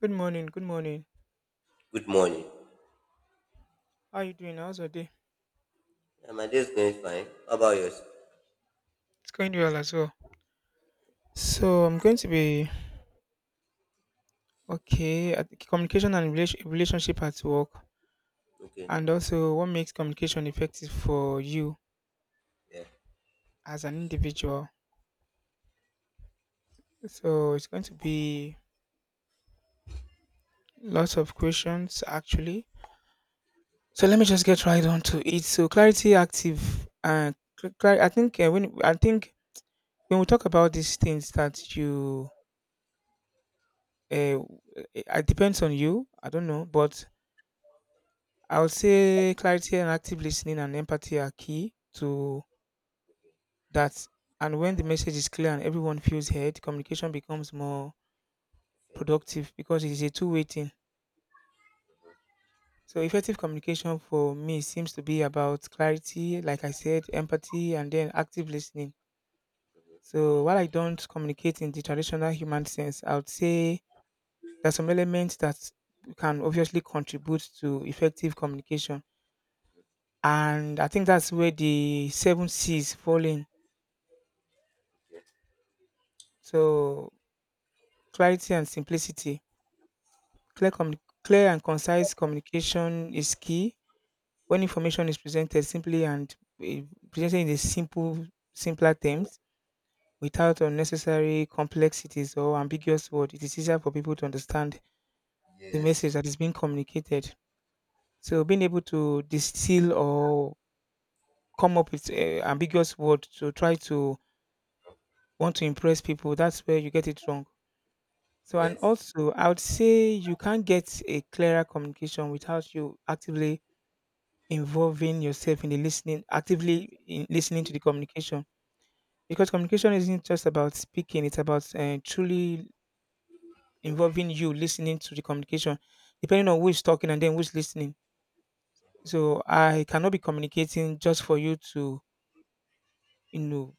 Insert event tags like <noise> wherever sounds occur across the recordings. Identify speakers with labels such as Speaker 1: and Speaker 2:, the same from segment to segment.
Speaker 1: Good morning, good morning.
Speaker 2: Good morning.
Speaker 1: How are you doing? How's your day?
Speaker 2: Yeah, my day is going fine. How about yours?
Speaker 1: It's going well as well. So I'm going to be okay at communication and relationship at work,
Speaker 2: Okay.
Speaker 1: and also what makes communication effective for you
Speaker 2: Yeah.
Speaker 1: as an individual. So it's going to be lots of questions actually. So let me just get right on to it. So clarity, I think, when I think when we talk about these things uh, it depends on you. I don't know, but I would say clarity and active listening and empathy are key to that. And when the message is clear and everyone feels heard, communication becomes more
Speaker 2: Effective.
Speaker 1: productive because it is a two-way thing. So, effective communication for me seems to be about clarity, like I said, empathy, and then active listening. So, while I don't communicate in the traditional human sense, I would say there's some elements that can obviously contribute to effective communication. And I think that's where the seven C's fall in.
Speaker 2: Okay.
Speaker 1: So clarity and simplicity. Clear, communi- Clear and concise communication is key. When
Speaker 2: Okay.
Speaker 1: information is presented simply and eh, presented in the simple, simpler
Speaker 2: Uh,
Speaker 1: terms, without unnecessary complexities or ambiguous words, it is easier for people to understand the message
Speaker 2: Yes.
Speaker 1: that is being communicated. So being able to distill or come up with ambiguous word to try to want to impress people, that's where you get it wrong. So and
Speaker 2: Yes.
Speaker 1: also I would say you can't get a clearer communication without you actively involving yourself in the listening, actively in listening to the communication. Because communication isn't just about speaking; it's about truly involving you listening to the communication, depending on who's talking and then who's listening. So I cannot be communicating just for you to, you know,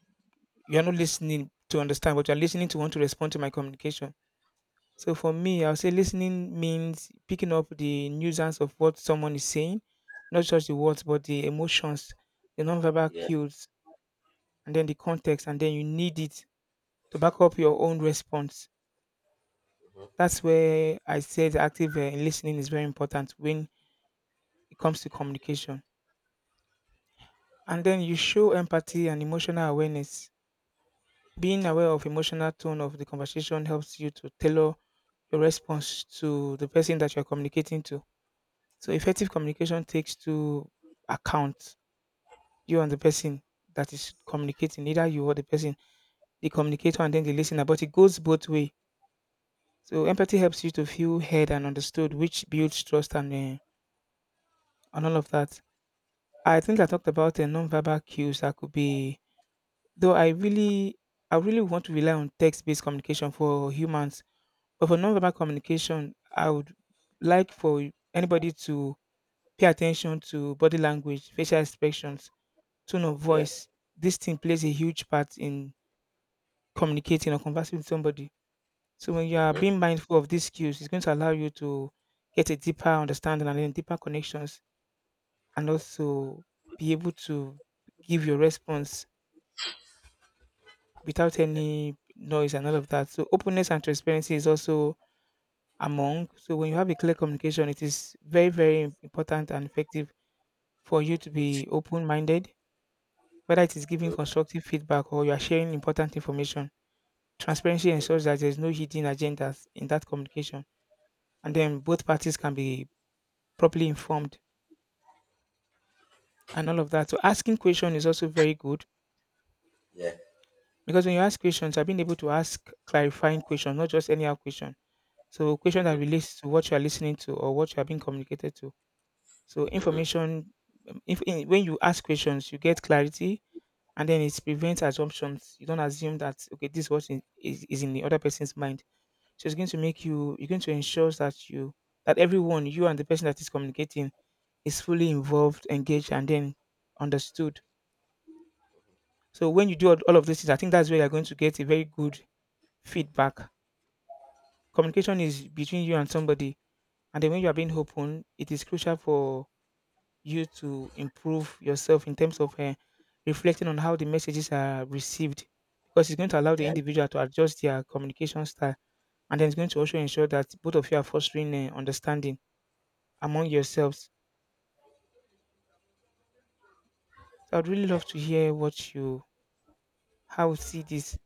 Speaker 1: you're not listening to understand, but you're listening to want to respond to my communication. So for me, I'll say listening means picking up the nuisance of what someone is saying, not just the words, but the emotions, the nonverbal
Speaker 2: Yeah.
Speaker 1: cues, and then the context, and then you need it to back up your own response.
Speaker 2: Mm-hmm.
Speaker 1: That's where I said active listening is very important when it comes to communication. And then you show empathy and emotional awareness. Being aware of emotional tone of the conversation helps you to tailor your response to the person that you're communicating to. So effective communication takes to account you and the person that is communicating, either you or the person, the communicator and then the listener, but it goes both way. So empathy helps you to feel heard and understood, which builds trust and all of that. I think I talked about non-verbal cues that could be, though I really, I really want to rely on text-based communication for humans, but for non-verbal communication, I would like for anybody to pay attention to body language, facial expressions, tone of
Speaker 2: Yeah.
Speaker 1: voice, this thing plays a huge part in communicating or conversing with somebody. So when you are being
Speaker 2: Mm-hmm.
Speaker 1: mindful of these skills, it's going to allow you to get a deeper understanding and then deeper connections, and also be able to give your response without
Speaker 2: Mm-hmm. Yeah.
Speaker 1: any noise and all of that. So openness and transparency is also among. So when you have a clear communication, it is very very important and effective for you to
Speaker 2: Mm-hmm.
Speaker 1: be open minded, whether it is giving constructive feedback or you are sharing important information. Transparency
Speaker 2: Mm-hmm.
Speaker 1: ensures that there's no hidden agendas in that communication, and then both parties can be properly informed and all of that. So asking question is also very good
Speaker 2: Yeah.
Speaker 1: because when you ask questions, I've been able to ask clarifying questions, not just any question. So question
Speaker 2: Mm-hmm.
Speaker 1: that relates to what you are listening to or what you are being communicated to. So
Speaker 2: Mm-hmm.
Speaker 1: information, if in, when you ask questions, you get clarity, and then it prevents assumptions. You don't assume that okay, this is what is in the other person's mind. So it's going to make you you're going to ensure that you that everyone, you and the person that is communicating, is fully involved, engaged, and then understood. So when you do all of these things, I think that's where you're going to get a very good feedback. Communication is between you and somebody, and then when you are being open, it is crucial for you to improve yourself in terms of reflecting on how the messages are received, because it's going to allow the
Speaker 2: Yeah.
Speaker 1: individual to adjust their communication style, and then it's going to also ensure that both of you are fostering understanding among yourselves. So I'd really
Speaker 2: Yeah.
Speaker 1: love to hear what you how you see this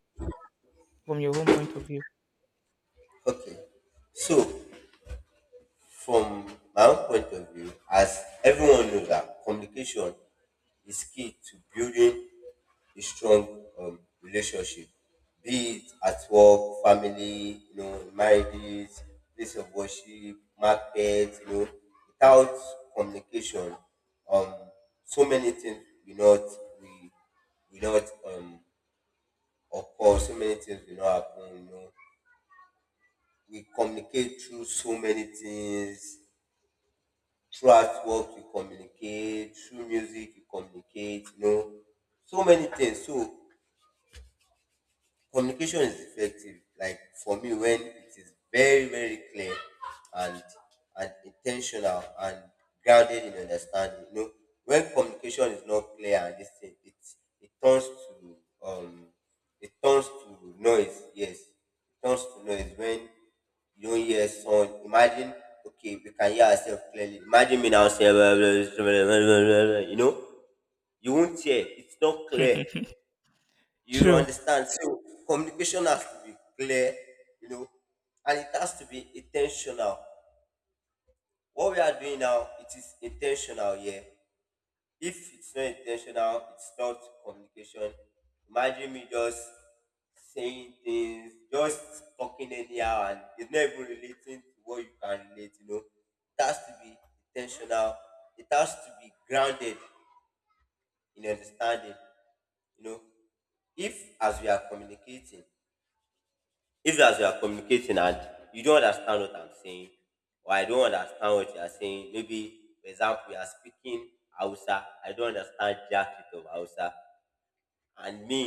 Speaker 1: from your own point of view.
Speaker 2: Okay. So, from my own point of view, as everyone knows that communication is key to building a strong relationship, be it at work, family, marriages, place of worship, market, without communication, um, so many things will not we will not occur. So many things will not happen. We communicate through so many things. Throughout work we communicate, through music we communicate, so many things. So communication is effective, like for me, when it is very very clear and intentional and grounded in understanding. When communication is not clear, and this thing, it turns to um it turns to noise. Yes, it turns to noise when you don't hear sound. Imagine, okay, we can hear ourselves clearly. Imagine me now say <laughs> you know you won't hear, it's not clear.
Speaker 1: <laughs>
Speaker 2: You
Speaker 1: True.
Speaker 2: understand? So communication has to be clear, you know, and it has to be intentional. What we are doing now, it is intentional, yeah. If it's not intentional, it's not communication. Imagine me just saying things, just talking anyhow, and it's not even relating to what you can relate. It has to be intentional, it has to be grounded in understanding, you know. If as we are communicating, if as you are communicating and you don't understand what I'm saying, or I don't understand what you are saying, maybe, for example, you are speaking Hausa, I don't understand jacket of Hausa. And me,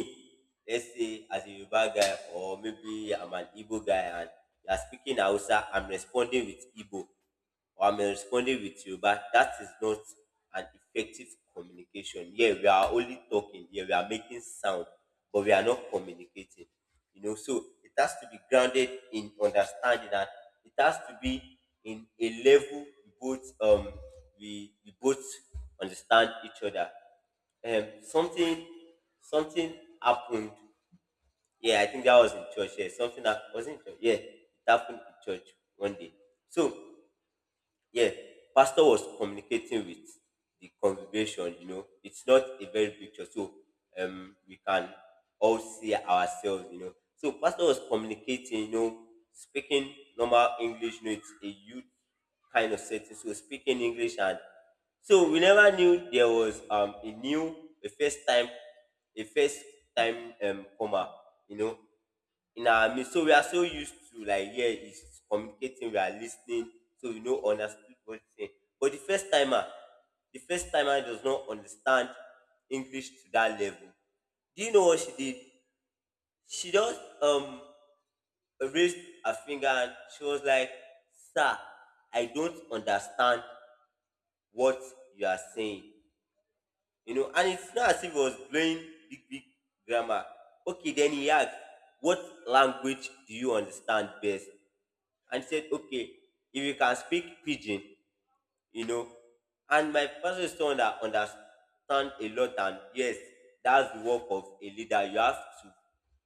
Speaker 2: let's say as a Yoruba guy, or maybe I'm an Igbo guy, and you're speaking Hausa, I'm responding with Igbo, or I'm responding with Yoruba. That is not an effective communication. Yeah, we are only talking. Yeah, we are making sound, but we are not communicating. So it has to be grounded in understanding, that it has to be in a level we both understand each other. Um, something something happened. Yeah, I think that was in church. Yeah, something that was in church. Yeah, it happened in church one day. So yeah, pastor was communicating with the congregation. It's not a very big church, so we can all see ourselves. So pastor was communicating. Speaking normal English. It's a youth kind of setting, so speaking English, and so we never knew there was a first time comer. You know, in our midst. So we are so used to, like, yeah, it's communicating, we are listening, so we know understood what it's saying. But the first timer does not understand English to that level. Do you know what she did? She just raised her finger and she was like, "Sir, I don't understand what you are saying." And it's not as if it was blowing big, big grammar. Okay, then he asked, "What language do you understand best?" And said, okay, if you can speak pidgin, you know, and my person is someone that understand a lot, and yes, that's the work of a leader. You have to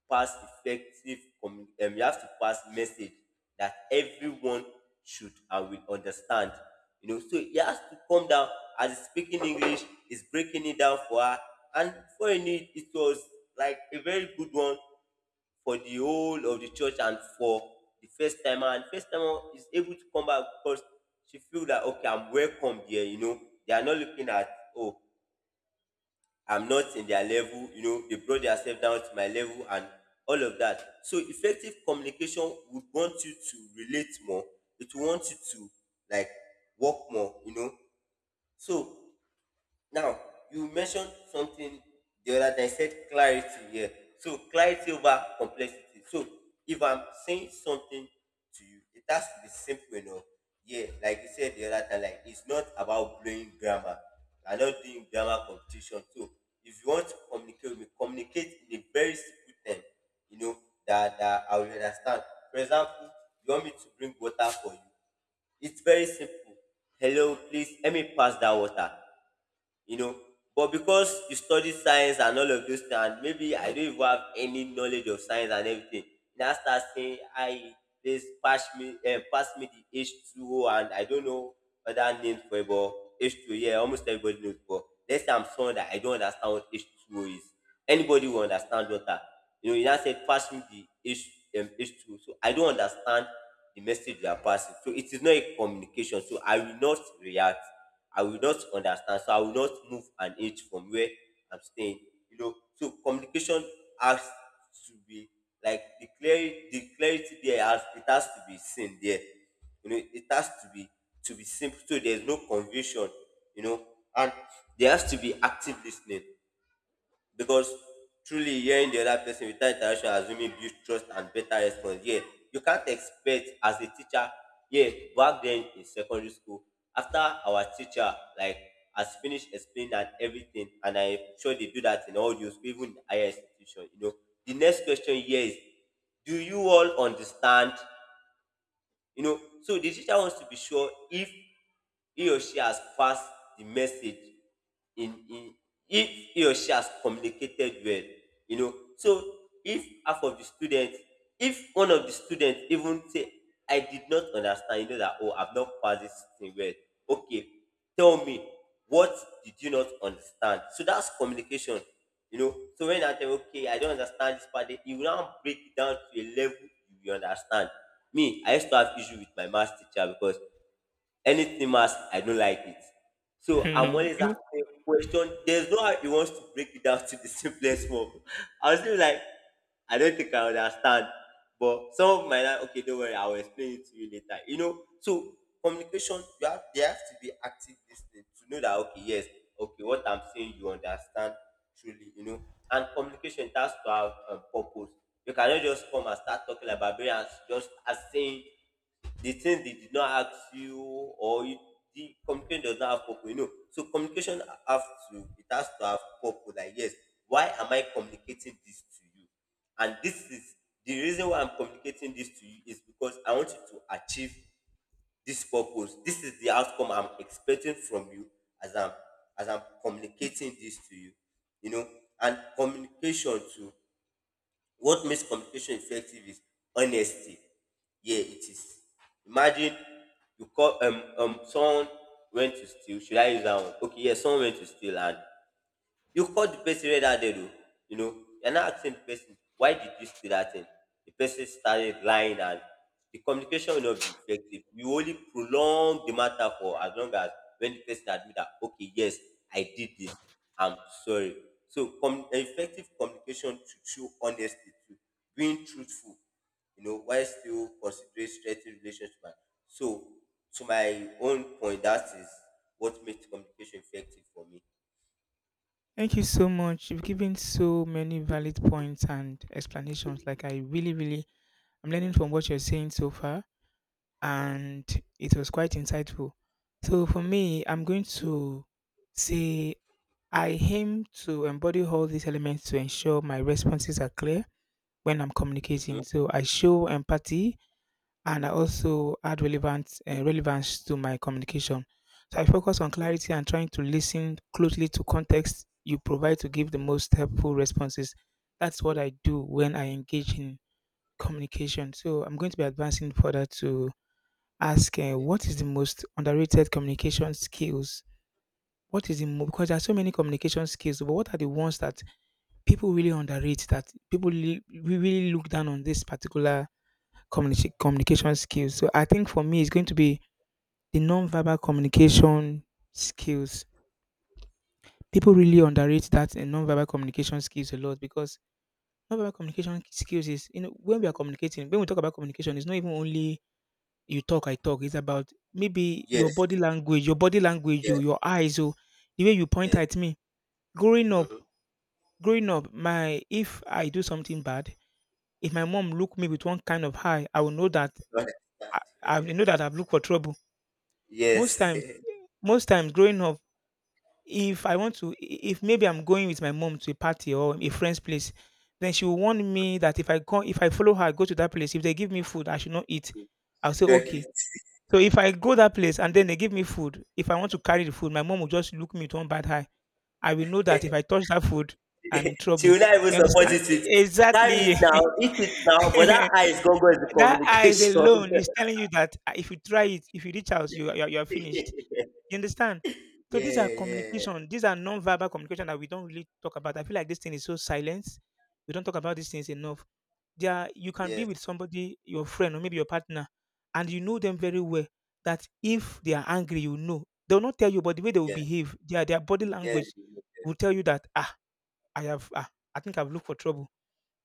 Speaker 2: pass message that everyone should and will understand. So he has to come down. As he's speaking English, he's breaking it down for her, and for a need, it was like a very good one for the whole of the church and for the first timer. And first timer is able to come back because she feel that, okay, I'm welcome here. They are not looking at, oh, I'm not in their level. They brought themselves down to my level and all of that. So effective communication would want you to relate more. It will want you to, like, work more. So now, you mentioned something the other day, said clarity here. So, clarity over complexity. So, if I'm saying something to you, it has to be simple enough. Yeah, like you said the other time, like it's not about blowing grammar. I'm not doing grammar competition. So, if you want to communicate with me, communicate in a very simple term, you know, that I will understand. For example, you want me to bring water for you. It's very simple. Hello, please let me pass that water. you know but because you study science and all of those things, and maybe I don't even have any knowledge of science and everything, you now start saying, I this pass me eh, pass me the H2O, and I don't know other names for it, but H2O, yeah, almost everybody knows. But let's say I'm someone that I don't understand what H2O is, anybody will understand water. You now said, pass me the H, H2. So I don't understand the message you are passing. So it is not a communication. So I will not react. I will not understand. So I will not move an inch from where I'm staying. So communication has to be like the clarity. The clarity there, has it has to be seen there. It has to be simple, so there's no confusion. you know, and there has to be active listening, because truly hearing the other person without interaction assuming build trust and better response. Yeah, you can't expect, as a teacher, yeah, back then in secondary school, after our teacher, like, has finished explaining and everything, and I'm sure they do that in all the school, even in higher institution, the next question here is, do you all understand? So the teacher wants to be sure if he or she has passed the message in if he or she has communicated well. So if half of the students if one of the students even say, I did not understand, that oh, I've not passed this thing well. Okay, tell me, what did you not understand? So that's communication. So when I tell, okay, I don't understand this part, then you will now break it down to a level you will understand. Me, I used to have issue with my maths teacher, because anything maths, I don't like it. So I'm
Speaker 1: <laughs>
Speaker 2: always
Speaker 1: You-
Speaker 2: asking question. There's no how he wants to break it down <laughs> to the simplest form. I was still like, I don't think I understand. But some of my, like, okay, don't worry, I'll explain it to you later. So communication, you have there has to be active listening, to know that, okay, yes, okay, what I'm saying you understand truly. And communication, it has to have purpose. You cannot just come and start talking like barbarians, just as saying the things they did not ask you, or you, the communication does not have purpose. So communication have to it has to have purpose. Like, yes, why am I communicating this to you? And this is the reason why I'm communicating this to you, is because I want you to achieve this purpose. This is the outcome I'm expecting from you, as I'm communicating this to you you know And communication too, what makes communication effective is honesty. Yeah, it is. Imagine you call someone went to steal. Should I use that one? Okay, yeah, someone went to steal, and you called the person red-handed, oh, you know. You're now asking the person, why did you do that thing? The person started lying, and the communication will not be effective. You only prolong the matter, for as long as when the person admit that, okay, yes, I did this. I'm sorry. So effective communication should show honesty, to being truthful, while still considering strengthening relationship. So, to my own point, that is what makes communication effective for me.
Speaker 1: Thank you so much. You've given so many valid points and explanations. Like I really, I'm learning from what you're saying so far, and it was quite insightful. So for me, I'm going to say I aim to embody all these elements to ensure my responses are clear when I'm
Speaker 2: Mhm,
Speaker 1: communicating. So I show empathy and I also add relevant relevance to my communication. So I focus on
Speaker 2: mhm.
Speaker 1: clarity and trying to listen closely to context you provide to give the most helpful responses. That's what I do when I engage in communication. So I'm going to be advancing further to ask
Speaker 2: Okay,
Speaker 1: what is the most underrated communication skills? What is
Speaker 2: okay,
Speaker 1: because there are so many communication skills, but what are the ones that people really underrate, that people really, really look down on this particular communication skills. So I think for me, it's going to be the non-verbal communication skills.
Speaker 2: okay.
Speaker 1: People really underrate that in non-verbal communication skills a lot, because non-verbal communication skills is, you know, when we are communicating, when we talk about communication, it's not even only you talk, I talk. It's about maybe
Speaker 2: Yes,
Speaker 1: your body language, oh,
Speaker 2: yes,
Speaker 1: your eyes, oh, the way you point
Speaker 2: yes.
Speaker 1: at me. Growing up,
Speaker 2: Mm-hmm.
Speaker 1: growing up, my if I do something bad, if my mom look me with one kind of eye, I will know that I will know that I've looked for trouble. Most times,
Speaker 2: Yes.
Speaker 1: most times growing up, if I want to if maybe I'm going with my mom to a party or a friend's place, then she will warn me that if I go if I follow her, I go to that place, if they give me food, I should not eat. I'll say,
Speaker 2: <laughs> Go ahead.
Speaker 1: "Okay." So if I go that place and then they give me food, if I want to carry the food, my mom will just look me with one bad eye. I will know that if I touch that food, I'm in
Speaker 2: She
Speaker 1: trouble.
Speaker 2: will not even
Speaker 1: You
Speaker 2: support
Speaker 1: understand?
Speaker 2: it
Speaker 1: E
Speaker 2: with, carry it
Speaker 1: exactly.
Speaker 2: now, eat it now, but that eye
Speaker 1: <laughs>
Speaker 2: is gonna go into
Speaker 1: That eyes
Speaker 2: communication.
Speaker 1: alone is telling you that, ah, if you try it, if you reach out, you are
Speaker 2: <laughs>
Speaker 1: finished.
Speaker 2: Yeah,
Speaker 1: You understand? So these are
Speaker 2: yeah.
Speaker 1: communication. These are non-verbal communication that we don't really talk about. I feel like this thing is so silence. We don't talk about these things enough. There, are- you can be
Speaker 2: Yes,
Speaker 1: with somebody, your friend or maybe your partner, and you know them very well. That if they are angry, you know they will not tell you, but the way they will
Speaker 2: yes,
Speaker 1: behave, their body
Speaker 2: yes,
Speaker 1: language will tell you that ah, I have ah, I think I've looked for trouble,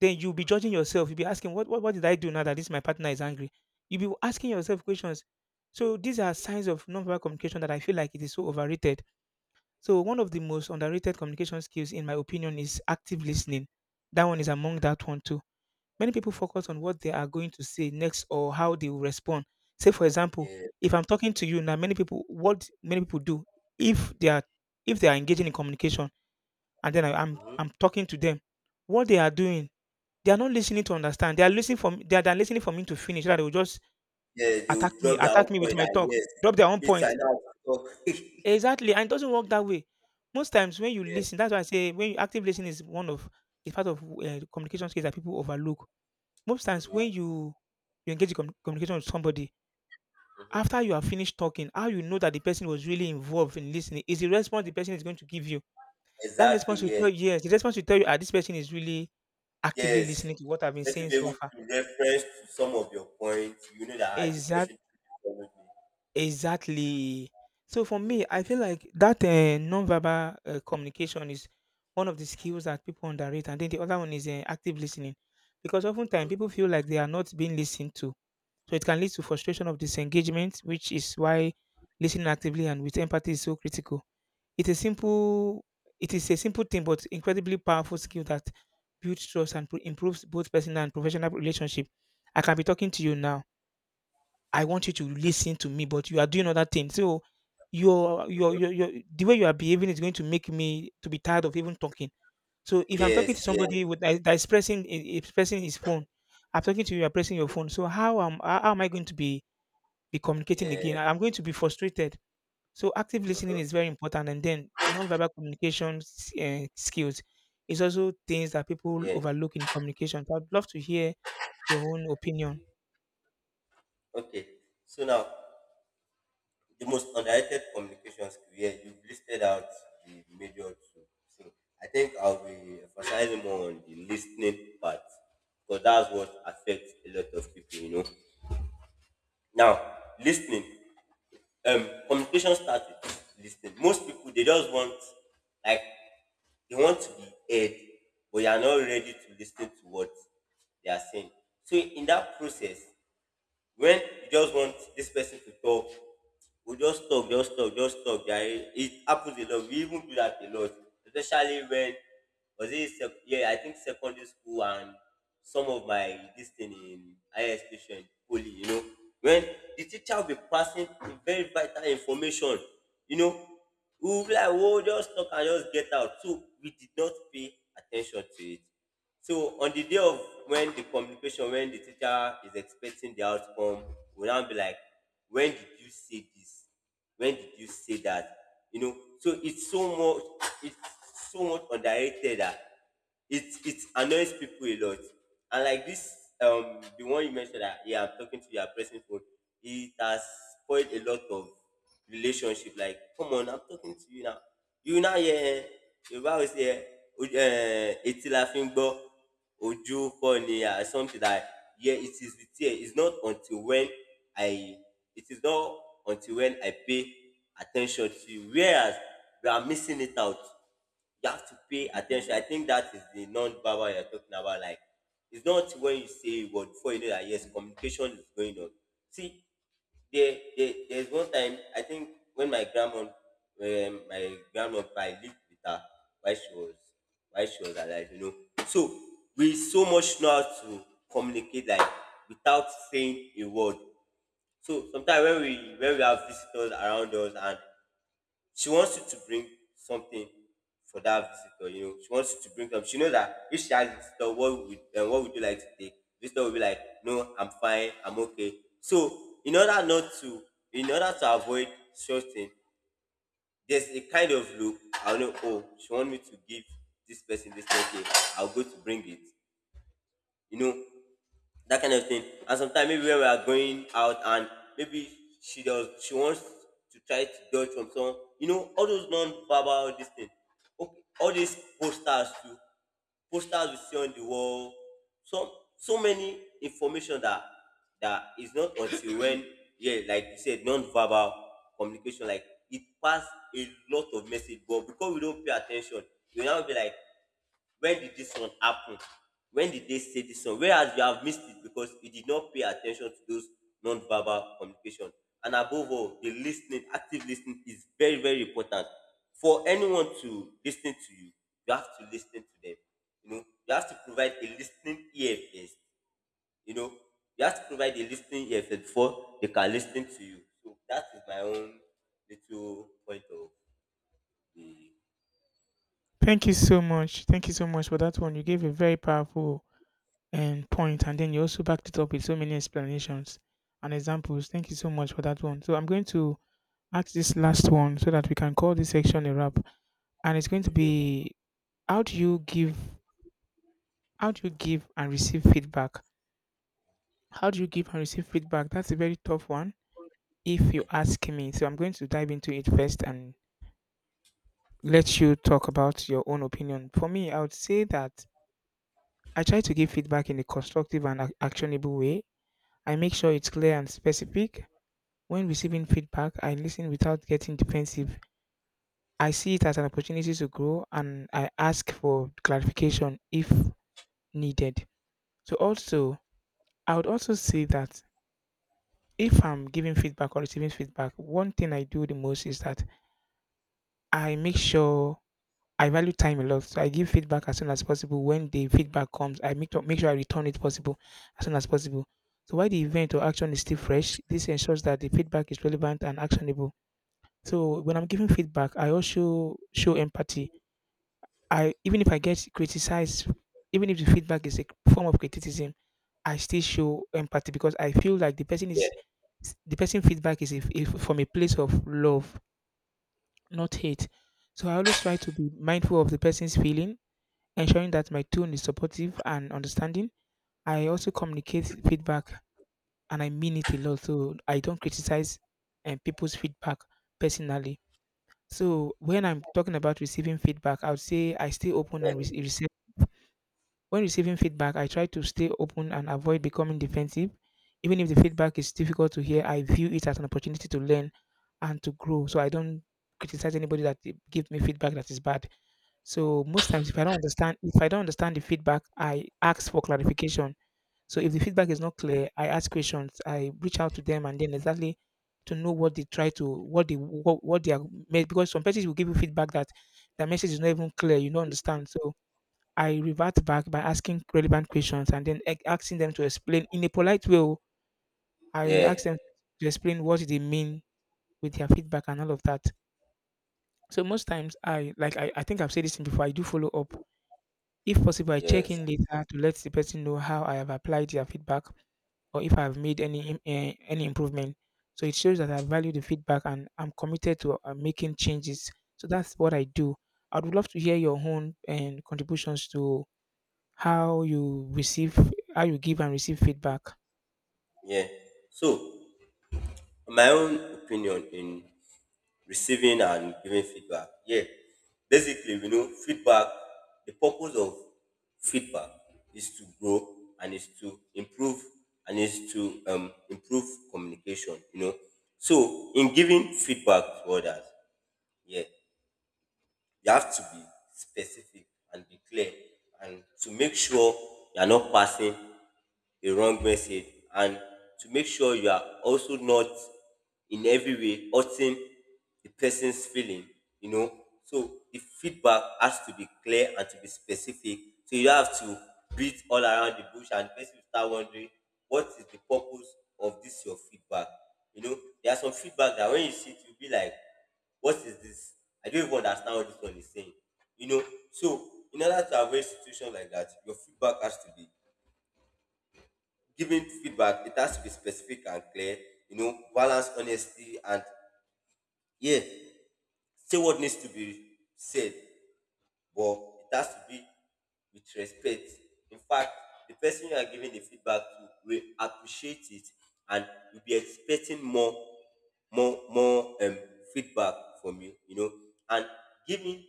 Speaker 1: then you'll be judging yourself. You'll be asking, what did I do now that this my partner is angry? You'll be asking yourself questions. So these are signs of nonverbal communication that I feel like it is so overrated. So one of the most underrated communication skills, in my opinion, is active listening. That one is among that one too. Many people focus on what they are going to say next or how they will respond. Say, for example,
Speaker 2: yeah.
Speaker 1: if I'm talking to you now, many people, what many people do, if they are engaging in communication, and then
Speaker 2: Mm-hmm.
Speaker 1: I'm talking to them, what they are doing they are not listening to understand. They are listening for me, they are listening for me to finish, so that they will just
Speaker 2: Yeah, they will drop their own
Speaker 1: attack me with
Speaker 2: point,
Speaker 1: my
Speaker 2: and
Speaker 1: talk,
Speaker 2: yes,
Speaker 1: drop their own
Speaker 2: it's
Speaker 1: point.
Speaker 2: enough to talk.
Speaker 1: Exactly, and it doesn't work that way. Most times when you
Speaker 2: Yeah.
Speaker 1: listen, that's why I say when you active listening is one of is part of communication skills that people overlook. Most times when
Speaker 2: Mm-hmm.
Speaker 1: you engage in communication with somebody,
Speaker 2: Mm-hmm.
Speaker 1: after you have finished talking, how you know that the person was really involved in listening is the response the person is going to give you. That
Speaker 2: Exactly,
Speaker 1: response will
Speaker 2: yes.
Speaker 1: tell you, yes, the response will tell you, ah, this person is really actively
Speaker 2: Yes.
Speaker 1: listening to what I've been
Speaker 2: Let me
Speaker 1: saying
Speaker 2: be
Speaker 1: so
Speaker 2: able
Speaker 1: far.
Speaker 2: to reference to some of your points. You know that this
Speaker 1: Exactly.
Speaker 2: person followed me.
Speaker 1: Exactly. So for me, I feel like that non-verbal communication is one of the skills that people underrate, and then the other one is active listening, because oftentimes
Speaker 2: Mm-hmm.
Speaker 1: people feel like they are not being listened to, so it can lead to frustration of disengagement, which is why listening actively and with empathy is so critical. It is simple. It is a simple thing, but incredibly powerful skill that builds trust and improves both personal and professional relationship. I can be talking to you now. I want you to listen to me, but you are doing other things. So your the way you are behaving is going to make me to be tired of even talking. So if I'm talking to
Speaker 2: Yes,
Speaker 1: somebody
Speaker 2: yes,
Speaker 1: with that is pressing is pressing his phone, I'm talking to you, you're pressing your phone. So how am I going to be communicating again?
Speaker 2: yeah,
Speaker 1: I'm going to be frustrated. So active listening
Speaker 2: hmm,
Speaker 1: is very important, and then non-verbal communication skills is also things that people
Speaker 2: yeah.
Speaker 1: overlook in communication. So I'd love to hear your own opinion?
Speaker 2: Okay. So now, the most underrated communication skill. Yeah, you've listed out the major two. So I think I'll be emphasizing more on the listening part, because that's what affects a lot of people. Now, listening. Communication starts with listening. Most people, they just want, like, they want to be heard, but you are not ready to listen to what they are saying. So in that process. When you just want this person to talk, we just talk, just talk, just talk. Yeah, it happens a lot. We even do that a lot, especially when yeah, I think secondary school and some of my this thing in higher education, poly, you know, when the teacher will be passing very vital information, you know, we will be like, oh, just talk and just get out. So we did not pay attention to it. So on the day of when the communication, when the teacher is expecting the outcome, we now be like, when did you say this? When did you say that? You know, so it's so much underrated that it annoys people a lot. And like this, the one you mentioned that, yeah, I'm talking to your pressing phone, it has spoiled a lot of relationship. Like, come on, I'm talking to you now. You now hear Yoruba always hear etí la fi ń gbọ́ ojú kọ́ ni ah, something that yeah it is with tear, it's not until when I it is not until when I pay attention to you, whereas we are missing it out. You have to pay attention. I think that is the non-verbal you're talking about. Like, it's not when you say a word before you know that yes, communication is going on. See, there's one time I think when my grandma I lived with her while she was while she was alive, you know. So we so much know how to communicate, like, without saying a word. So sometimes when we have visitors around us and she wants you to bring something for that visitor. You know, she wants you to bring something. She knows that if she asks the visitor, what would and what would you like to take? Visitor will be like, no, I'm fine, I'm okay. So in order not to, in order to avoid such thing, there's a kind of look. I know, oh, she want me to give this person this birthday. I'll go to bring it. You know, that kind of thing. And sometimes maybe when we are going out and maybe she wants to try to dodge from someone, you know, all those non-verbal this thing. Okay, all these posters too, posters we see on the wall, so so many information that, that is not until when, yeah, like you said, non-verbal communication, like it pass a lot of message, but because we don't pay attention, we now be like, when did this one happen? When did they say this one? Whereas you have missed it because you did not pay attention to those non-verbal communication. And above all, the listening, active listening is very, very important. For anyone to listen to you, you have to listen to them. You know, you have to provide a listening ear first. You know, you have to provide a listening ear first before they can listen to you. So that is my own little point of the
Speaker 1: Thank you so much. Thank you so much for that one. You gave a very powerful point, and then you also backed it up with so many explanations and examples. Thank you so much for that one. So I'm going to ask this last one so that we can call this section a wrap, and it's going to
Speaker 2: okay.
Speaker 1: be how do you give, how do you give and receive feedback? How do you give and receive feedback? That's a very tough one, if you
Speaker 2: Yeah,
Speaker 1: ask me. So I'm going to dive into it first, and let you talk about your own opinion. For me, I would say that I try to give feedback in a constructive and actionable way. I make sure it's
Speaker 2: okay.
Speaker 1: clear and specific. When receiving feedback, I listen without getting defensive. I see it as an opportunity to grow and I ask for clarification if needed. So, also, I would also say that if I'm giving feedback or receiving feedback, one thing I do the most is that I make sure I value time a lot, so I give feedback as soon as possible. When the feedback comes, make sure I return it possible as soon as possible. So while the event or action is still fresh, this ensures that the feedback is relevant and actionable. So when I'm giving feedback, I also show empathy. I even if I get criticized, even if the feedback is a form of criticism, I still show empathy because I feel like
Speaker 2: Yeah,
Speaker 1: the person feedback is if from a place of love, not hate. So I always try to be mindful of the person's feeling ensuring that my tone is supportive and understanding. I also communicate feedback and I mean it a lot. So I don't criticize people's feedback personally. So when I'm talking about receiving feedback, I would say I stay open and
Speaker 2: yeah.
Speaker 1: receive. When receiving feedback, I try to stay open and avoid becoming defensive. Even if the feedback is difficult to hear, I view it as an opportunity to learn and to grow. So I don't criticize anybody that give me feedback that is bad. So most times, if I don't understand the feedback, I ask for clarification. So if the feedback
Speaker 2: Mhm.
Speaker 1: is not clear, I ask questions. I reach out to them and then exactly to know what they try to, what they are made. Because some persons will give you feedback that the message is not even clear, you don't understand. So I revert back by asking relevant questions and then asking them to explain in a polite way. Oh. I
Speaker 2: Yeah.
Speaker 1: ask them to explain what they mean with their feedback and all of that. So most times, I think I've said this thing before. I do follow up. If possible, I check
Speaker 2: Yes.
Speaker 1: in later to let the person know how I have applied their feedback or if I have made any improvement. So it shows that I value the feedback and I'm committed to making changes. So that's what I do. I would love to hear your own and contributions to how you receive, how you give and receive feedback.
Speaker 2: Yeah. So, my own opinion in receiving and giving feedback. Yeah. Basically, we know, feedback, the purpose of feedback is to grow and is to improve and is to improve communication, you know. So, in giving feedback to others, yeah, you have to be specific and be clear, and to make sure you're not passing a wrong message, and to make sure you are also not in every way hurting the person's feeling, you know. So the feedback has to be clear and to be specific. So you have to beat all around the bush and the person will start wondering, what is the purpose of this your feedback. You know, there are some feedback that when you see it, you'll be like, what is this? I don't even understand what this one is saying. You know, so in order to avoid situations like that, your feedback has to be giving feedback, it has to be specific and clear, you know, balance honesty and, yeah, say what needs to be said, but it has to be with respect. In fact, the person you are giving the feedback to will appreciate it and will be expecting more, more, more um, feedback from you, you know. And giving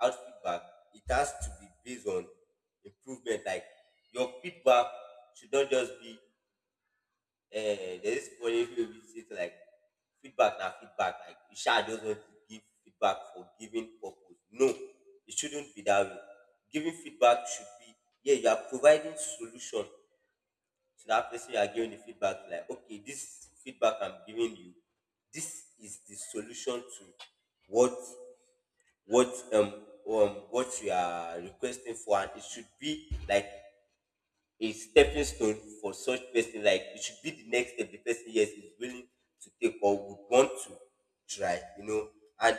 Speaker 2: out feedback, it has to be based on improvement. Like, your feedback should not just be there's this funny way we say to, like, feedback now feedback, like you sure just want to give feedback for giving purpose. No, it shouldn't be that way. Giving feedback should be, yeah, you are providing solution to that person you are giving the feedback to, like okay, this feedback I'm giving you, this is the solution to what what um what you are requesting for, and it should be like a stepping stone for such person, like it should be the next step the person yes is willing to take or would want to try, you know. And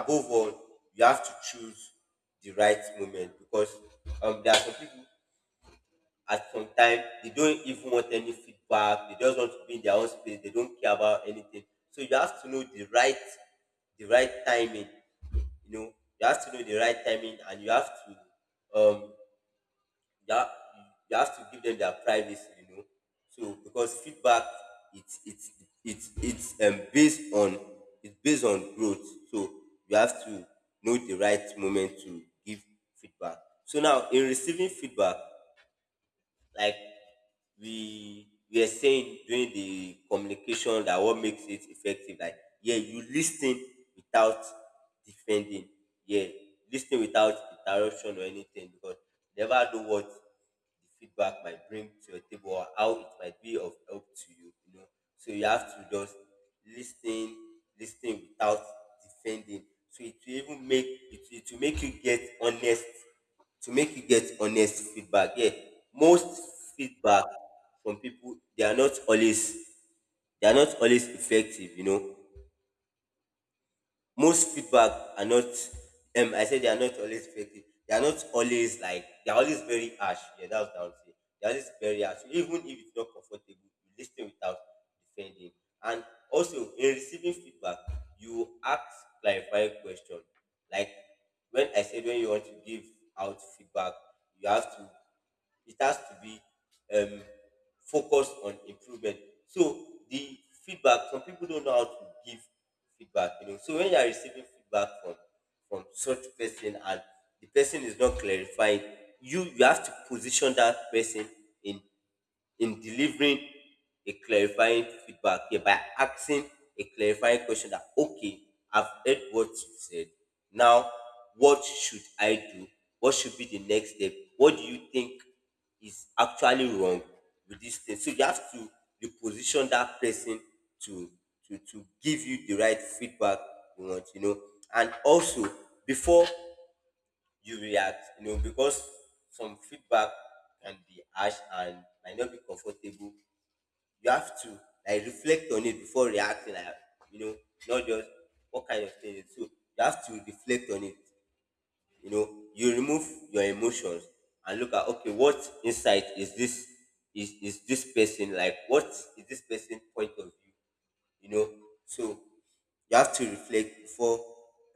Speaker 2: above all, you have to choose the right moment, because there are some people at some time they don't even want any feedback, they just want to be in their own space, they don't care about anything. So you have to know the right timing, you know, you have to know the right timing, and you have to you have, you have to give them their privacy, you know. So because feedback, it's it's it's based on, it's based on growth. So you have to know the right moment to give feedback. So now in receiving feedback, like, we are saying during the communication that what makes it effective, like, yeah, you listen without defending, yeah, listen without interruption or anything, because you never know what the feedback might bring to your table or how it might be of help to you, you know. So you have to just listen, listen without defending, so it will even make it will make you get honest, to make you get honest feedback. Yeah, most feedback from people, they are not always, they are not always effective. You know, most feedback are not, I said, they are not always effective. They are not always, like, they are always very harsh. Yeah, that's what I would say. They are always very harsh. So even if it's not comfortable, you listen without defending. And also in receiving feedback, you ask clarifying question. Like, when I said, when you want to give out feedback, you have to, it has to be um, focused on improvement. So the feedback, some people don't know how to give feedback, you know. So when you are receiving feedback from such person and the person is not clarifying, you have to position that person in delivering a clarifying feedback here by asking a clarifying question that, okay, I've heard what you said. Now, what should I do? What should be the next step? What do you think is actually wrong with this thing? So you have to reposition that person to to give you the right feedback you want, you know. And also before you react, you know, because some feedback can be harsh and might not be comfortable. You have to, like, reflect on it before reacting, like, you know, not just what kind of thing it is. So you have to reflect on it. You know, you remove your emotions and look at, okay, what insight is is this person like? What is this person point of view? You know. So you have to reflect before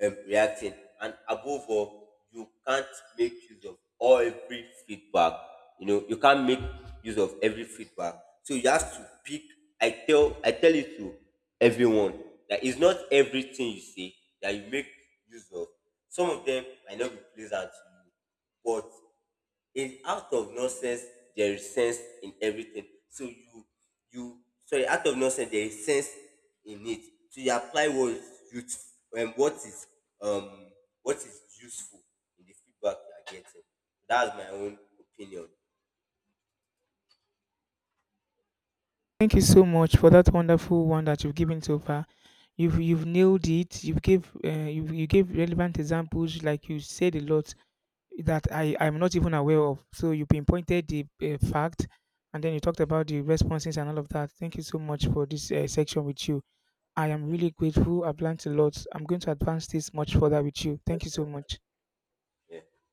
Speaker 2: reacting. And above all, you can't make use of all every feedback. You know, you can't make use of every feedback. So you have to pick. I tell it to everyone that it's not everything you say that you make use of. Some of them might not be pleasant to you, but in out of nonsense there is sense in everything, so you, sorry, out of nonsense there is sense in it. So you apply what is youth um what is useful in the feedback you are getting. That's my own opinion.
Speaker 1: Thank you so much for that wonderful one that you've given so far. You've nailed it. You've gave you gave relevant examples, like you said a lot that I'm not even aware of. So you pinpointed the fact, and then you talked about the responses and all of that. Thank you so much for this section with you. I am really grateful. I've learned a lot. I'm going to advance this much further with you. Thank you so much.
Speaker 2: Yeah.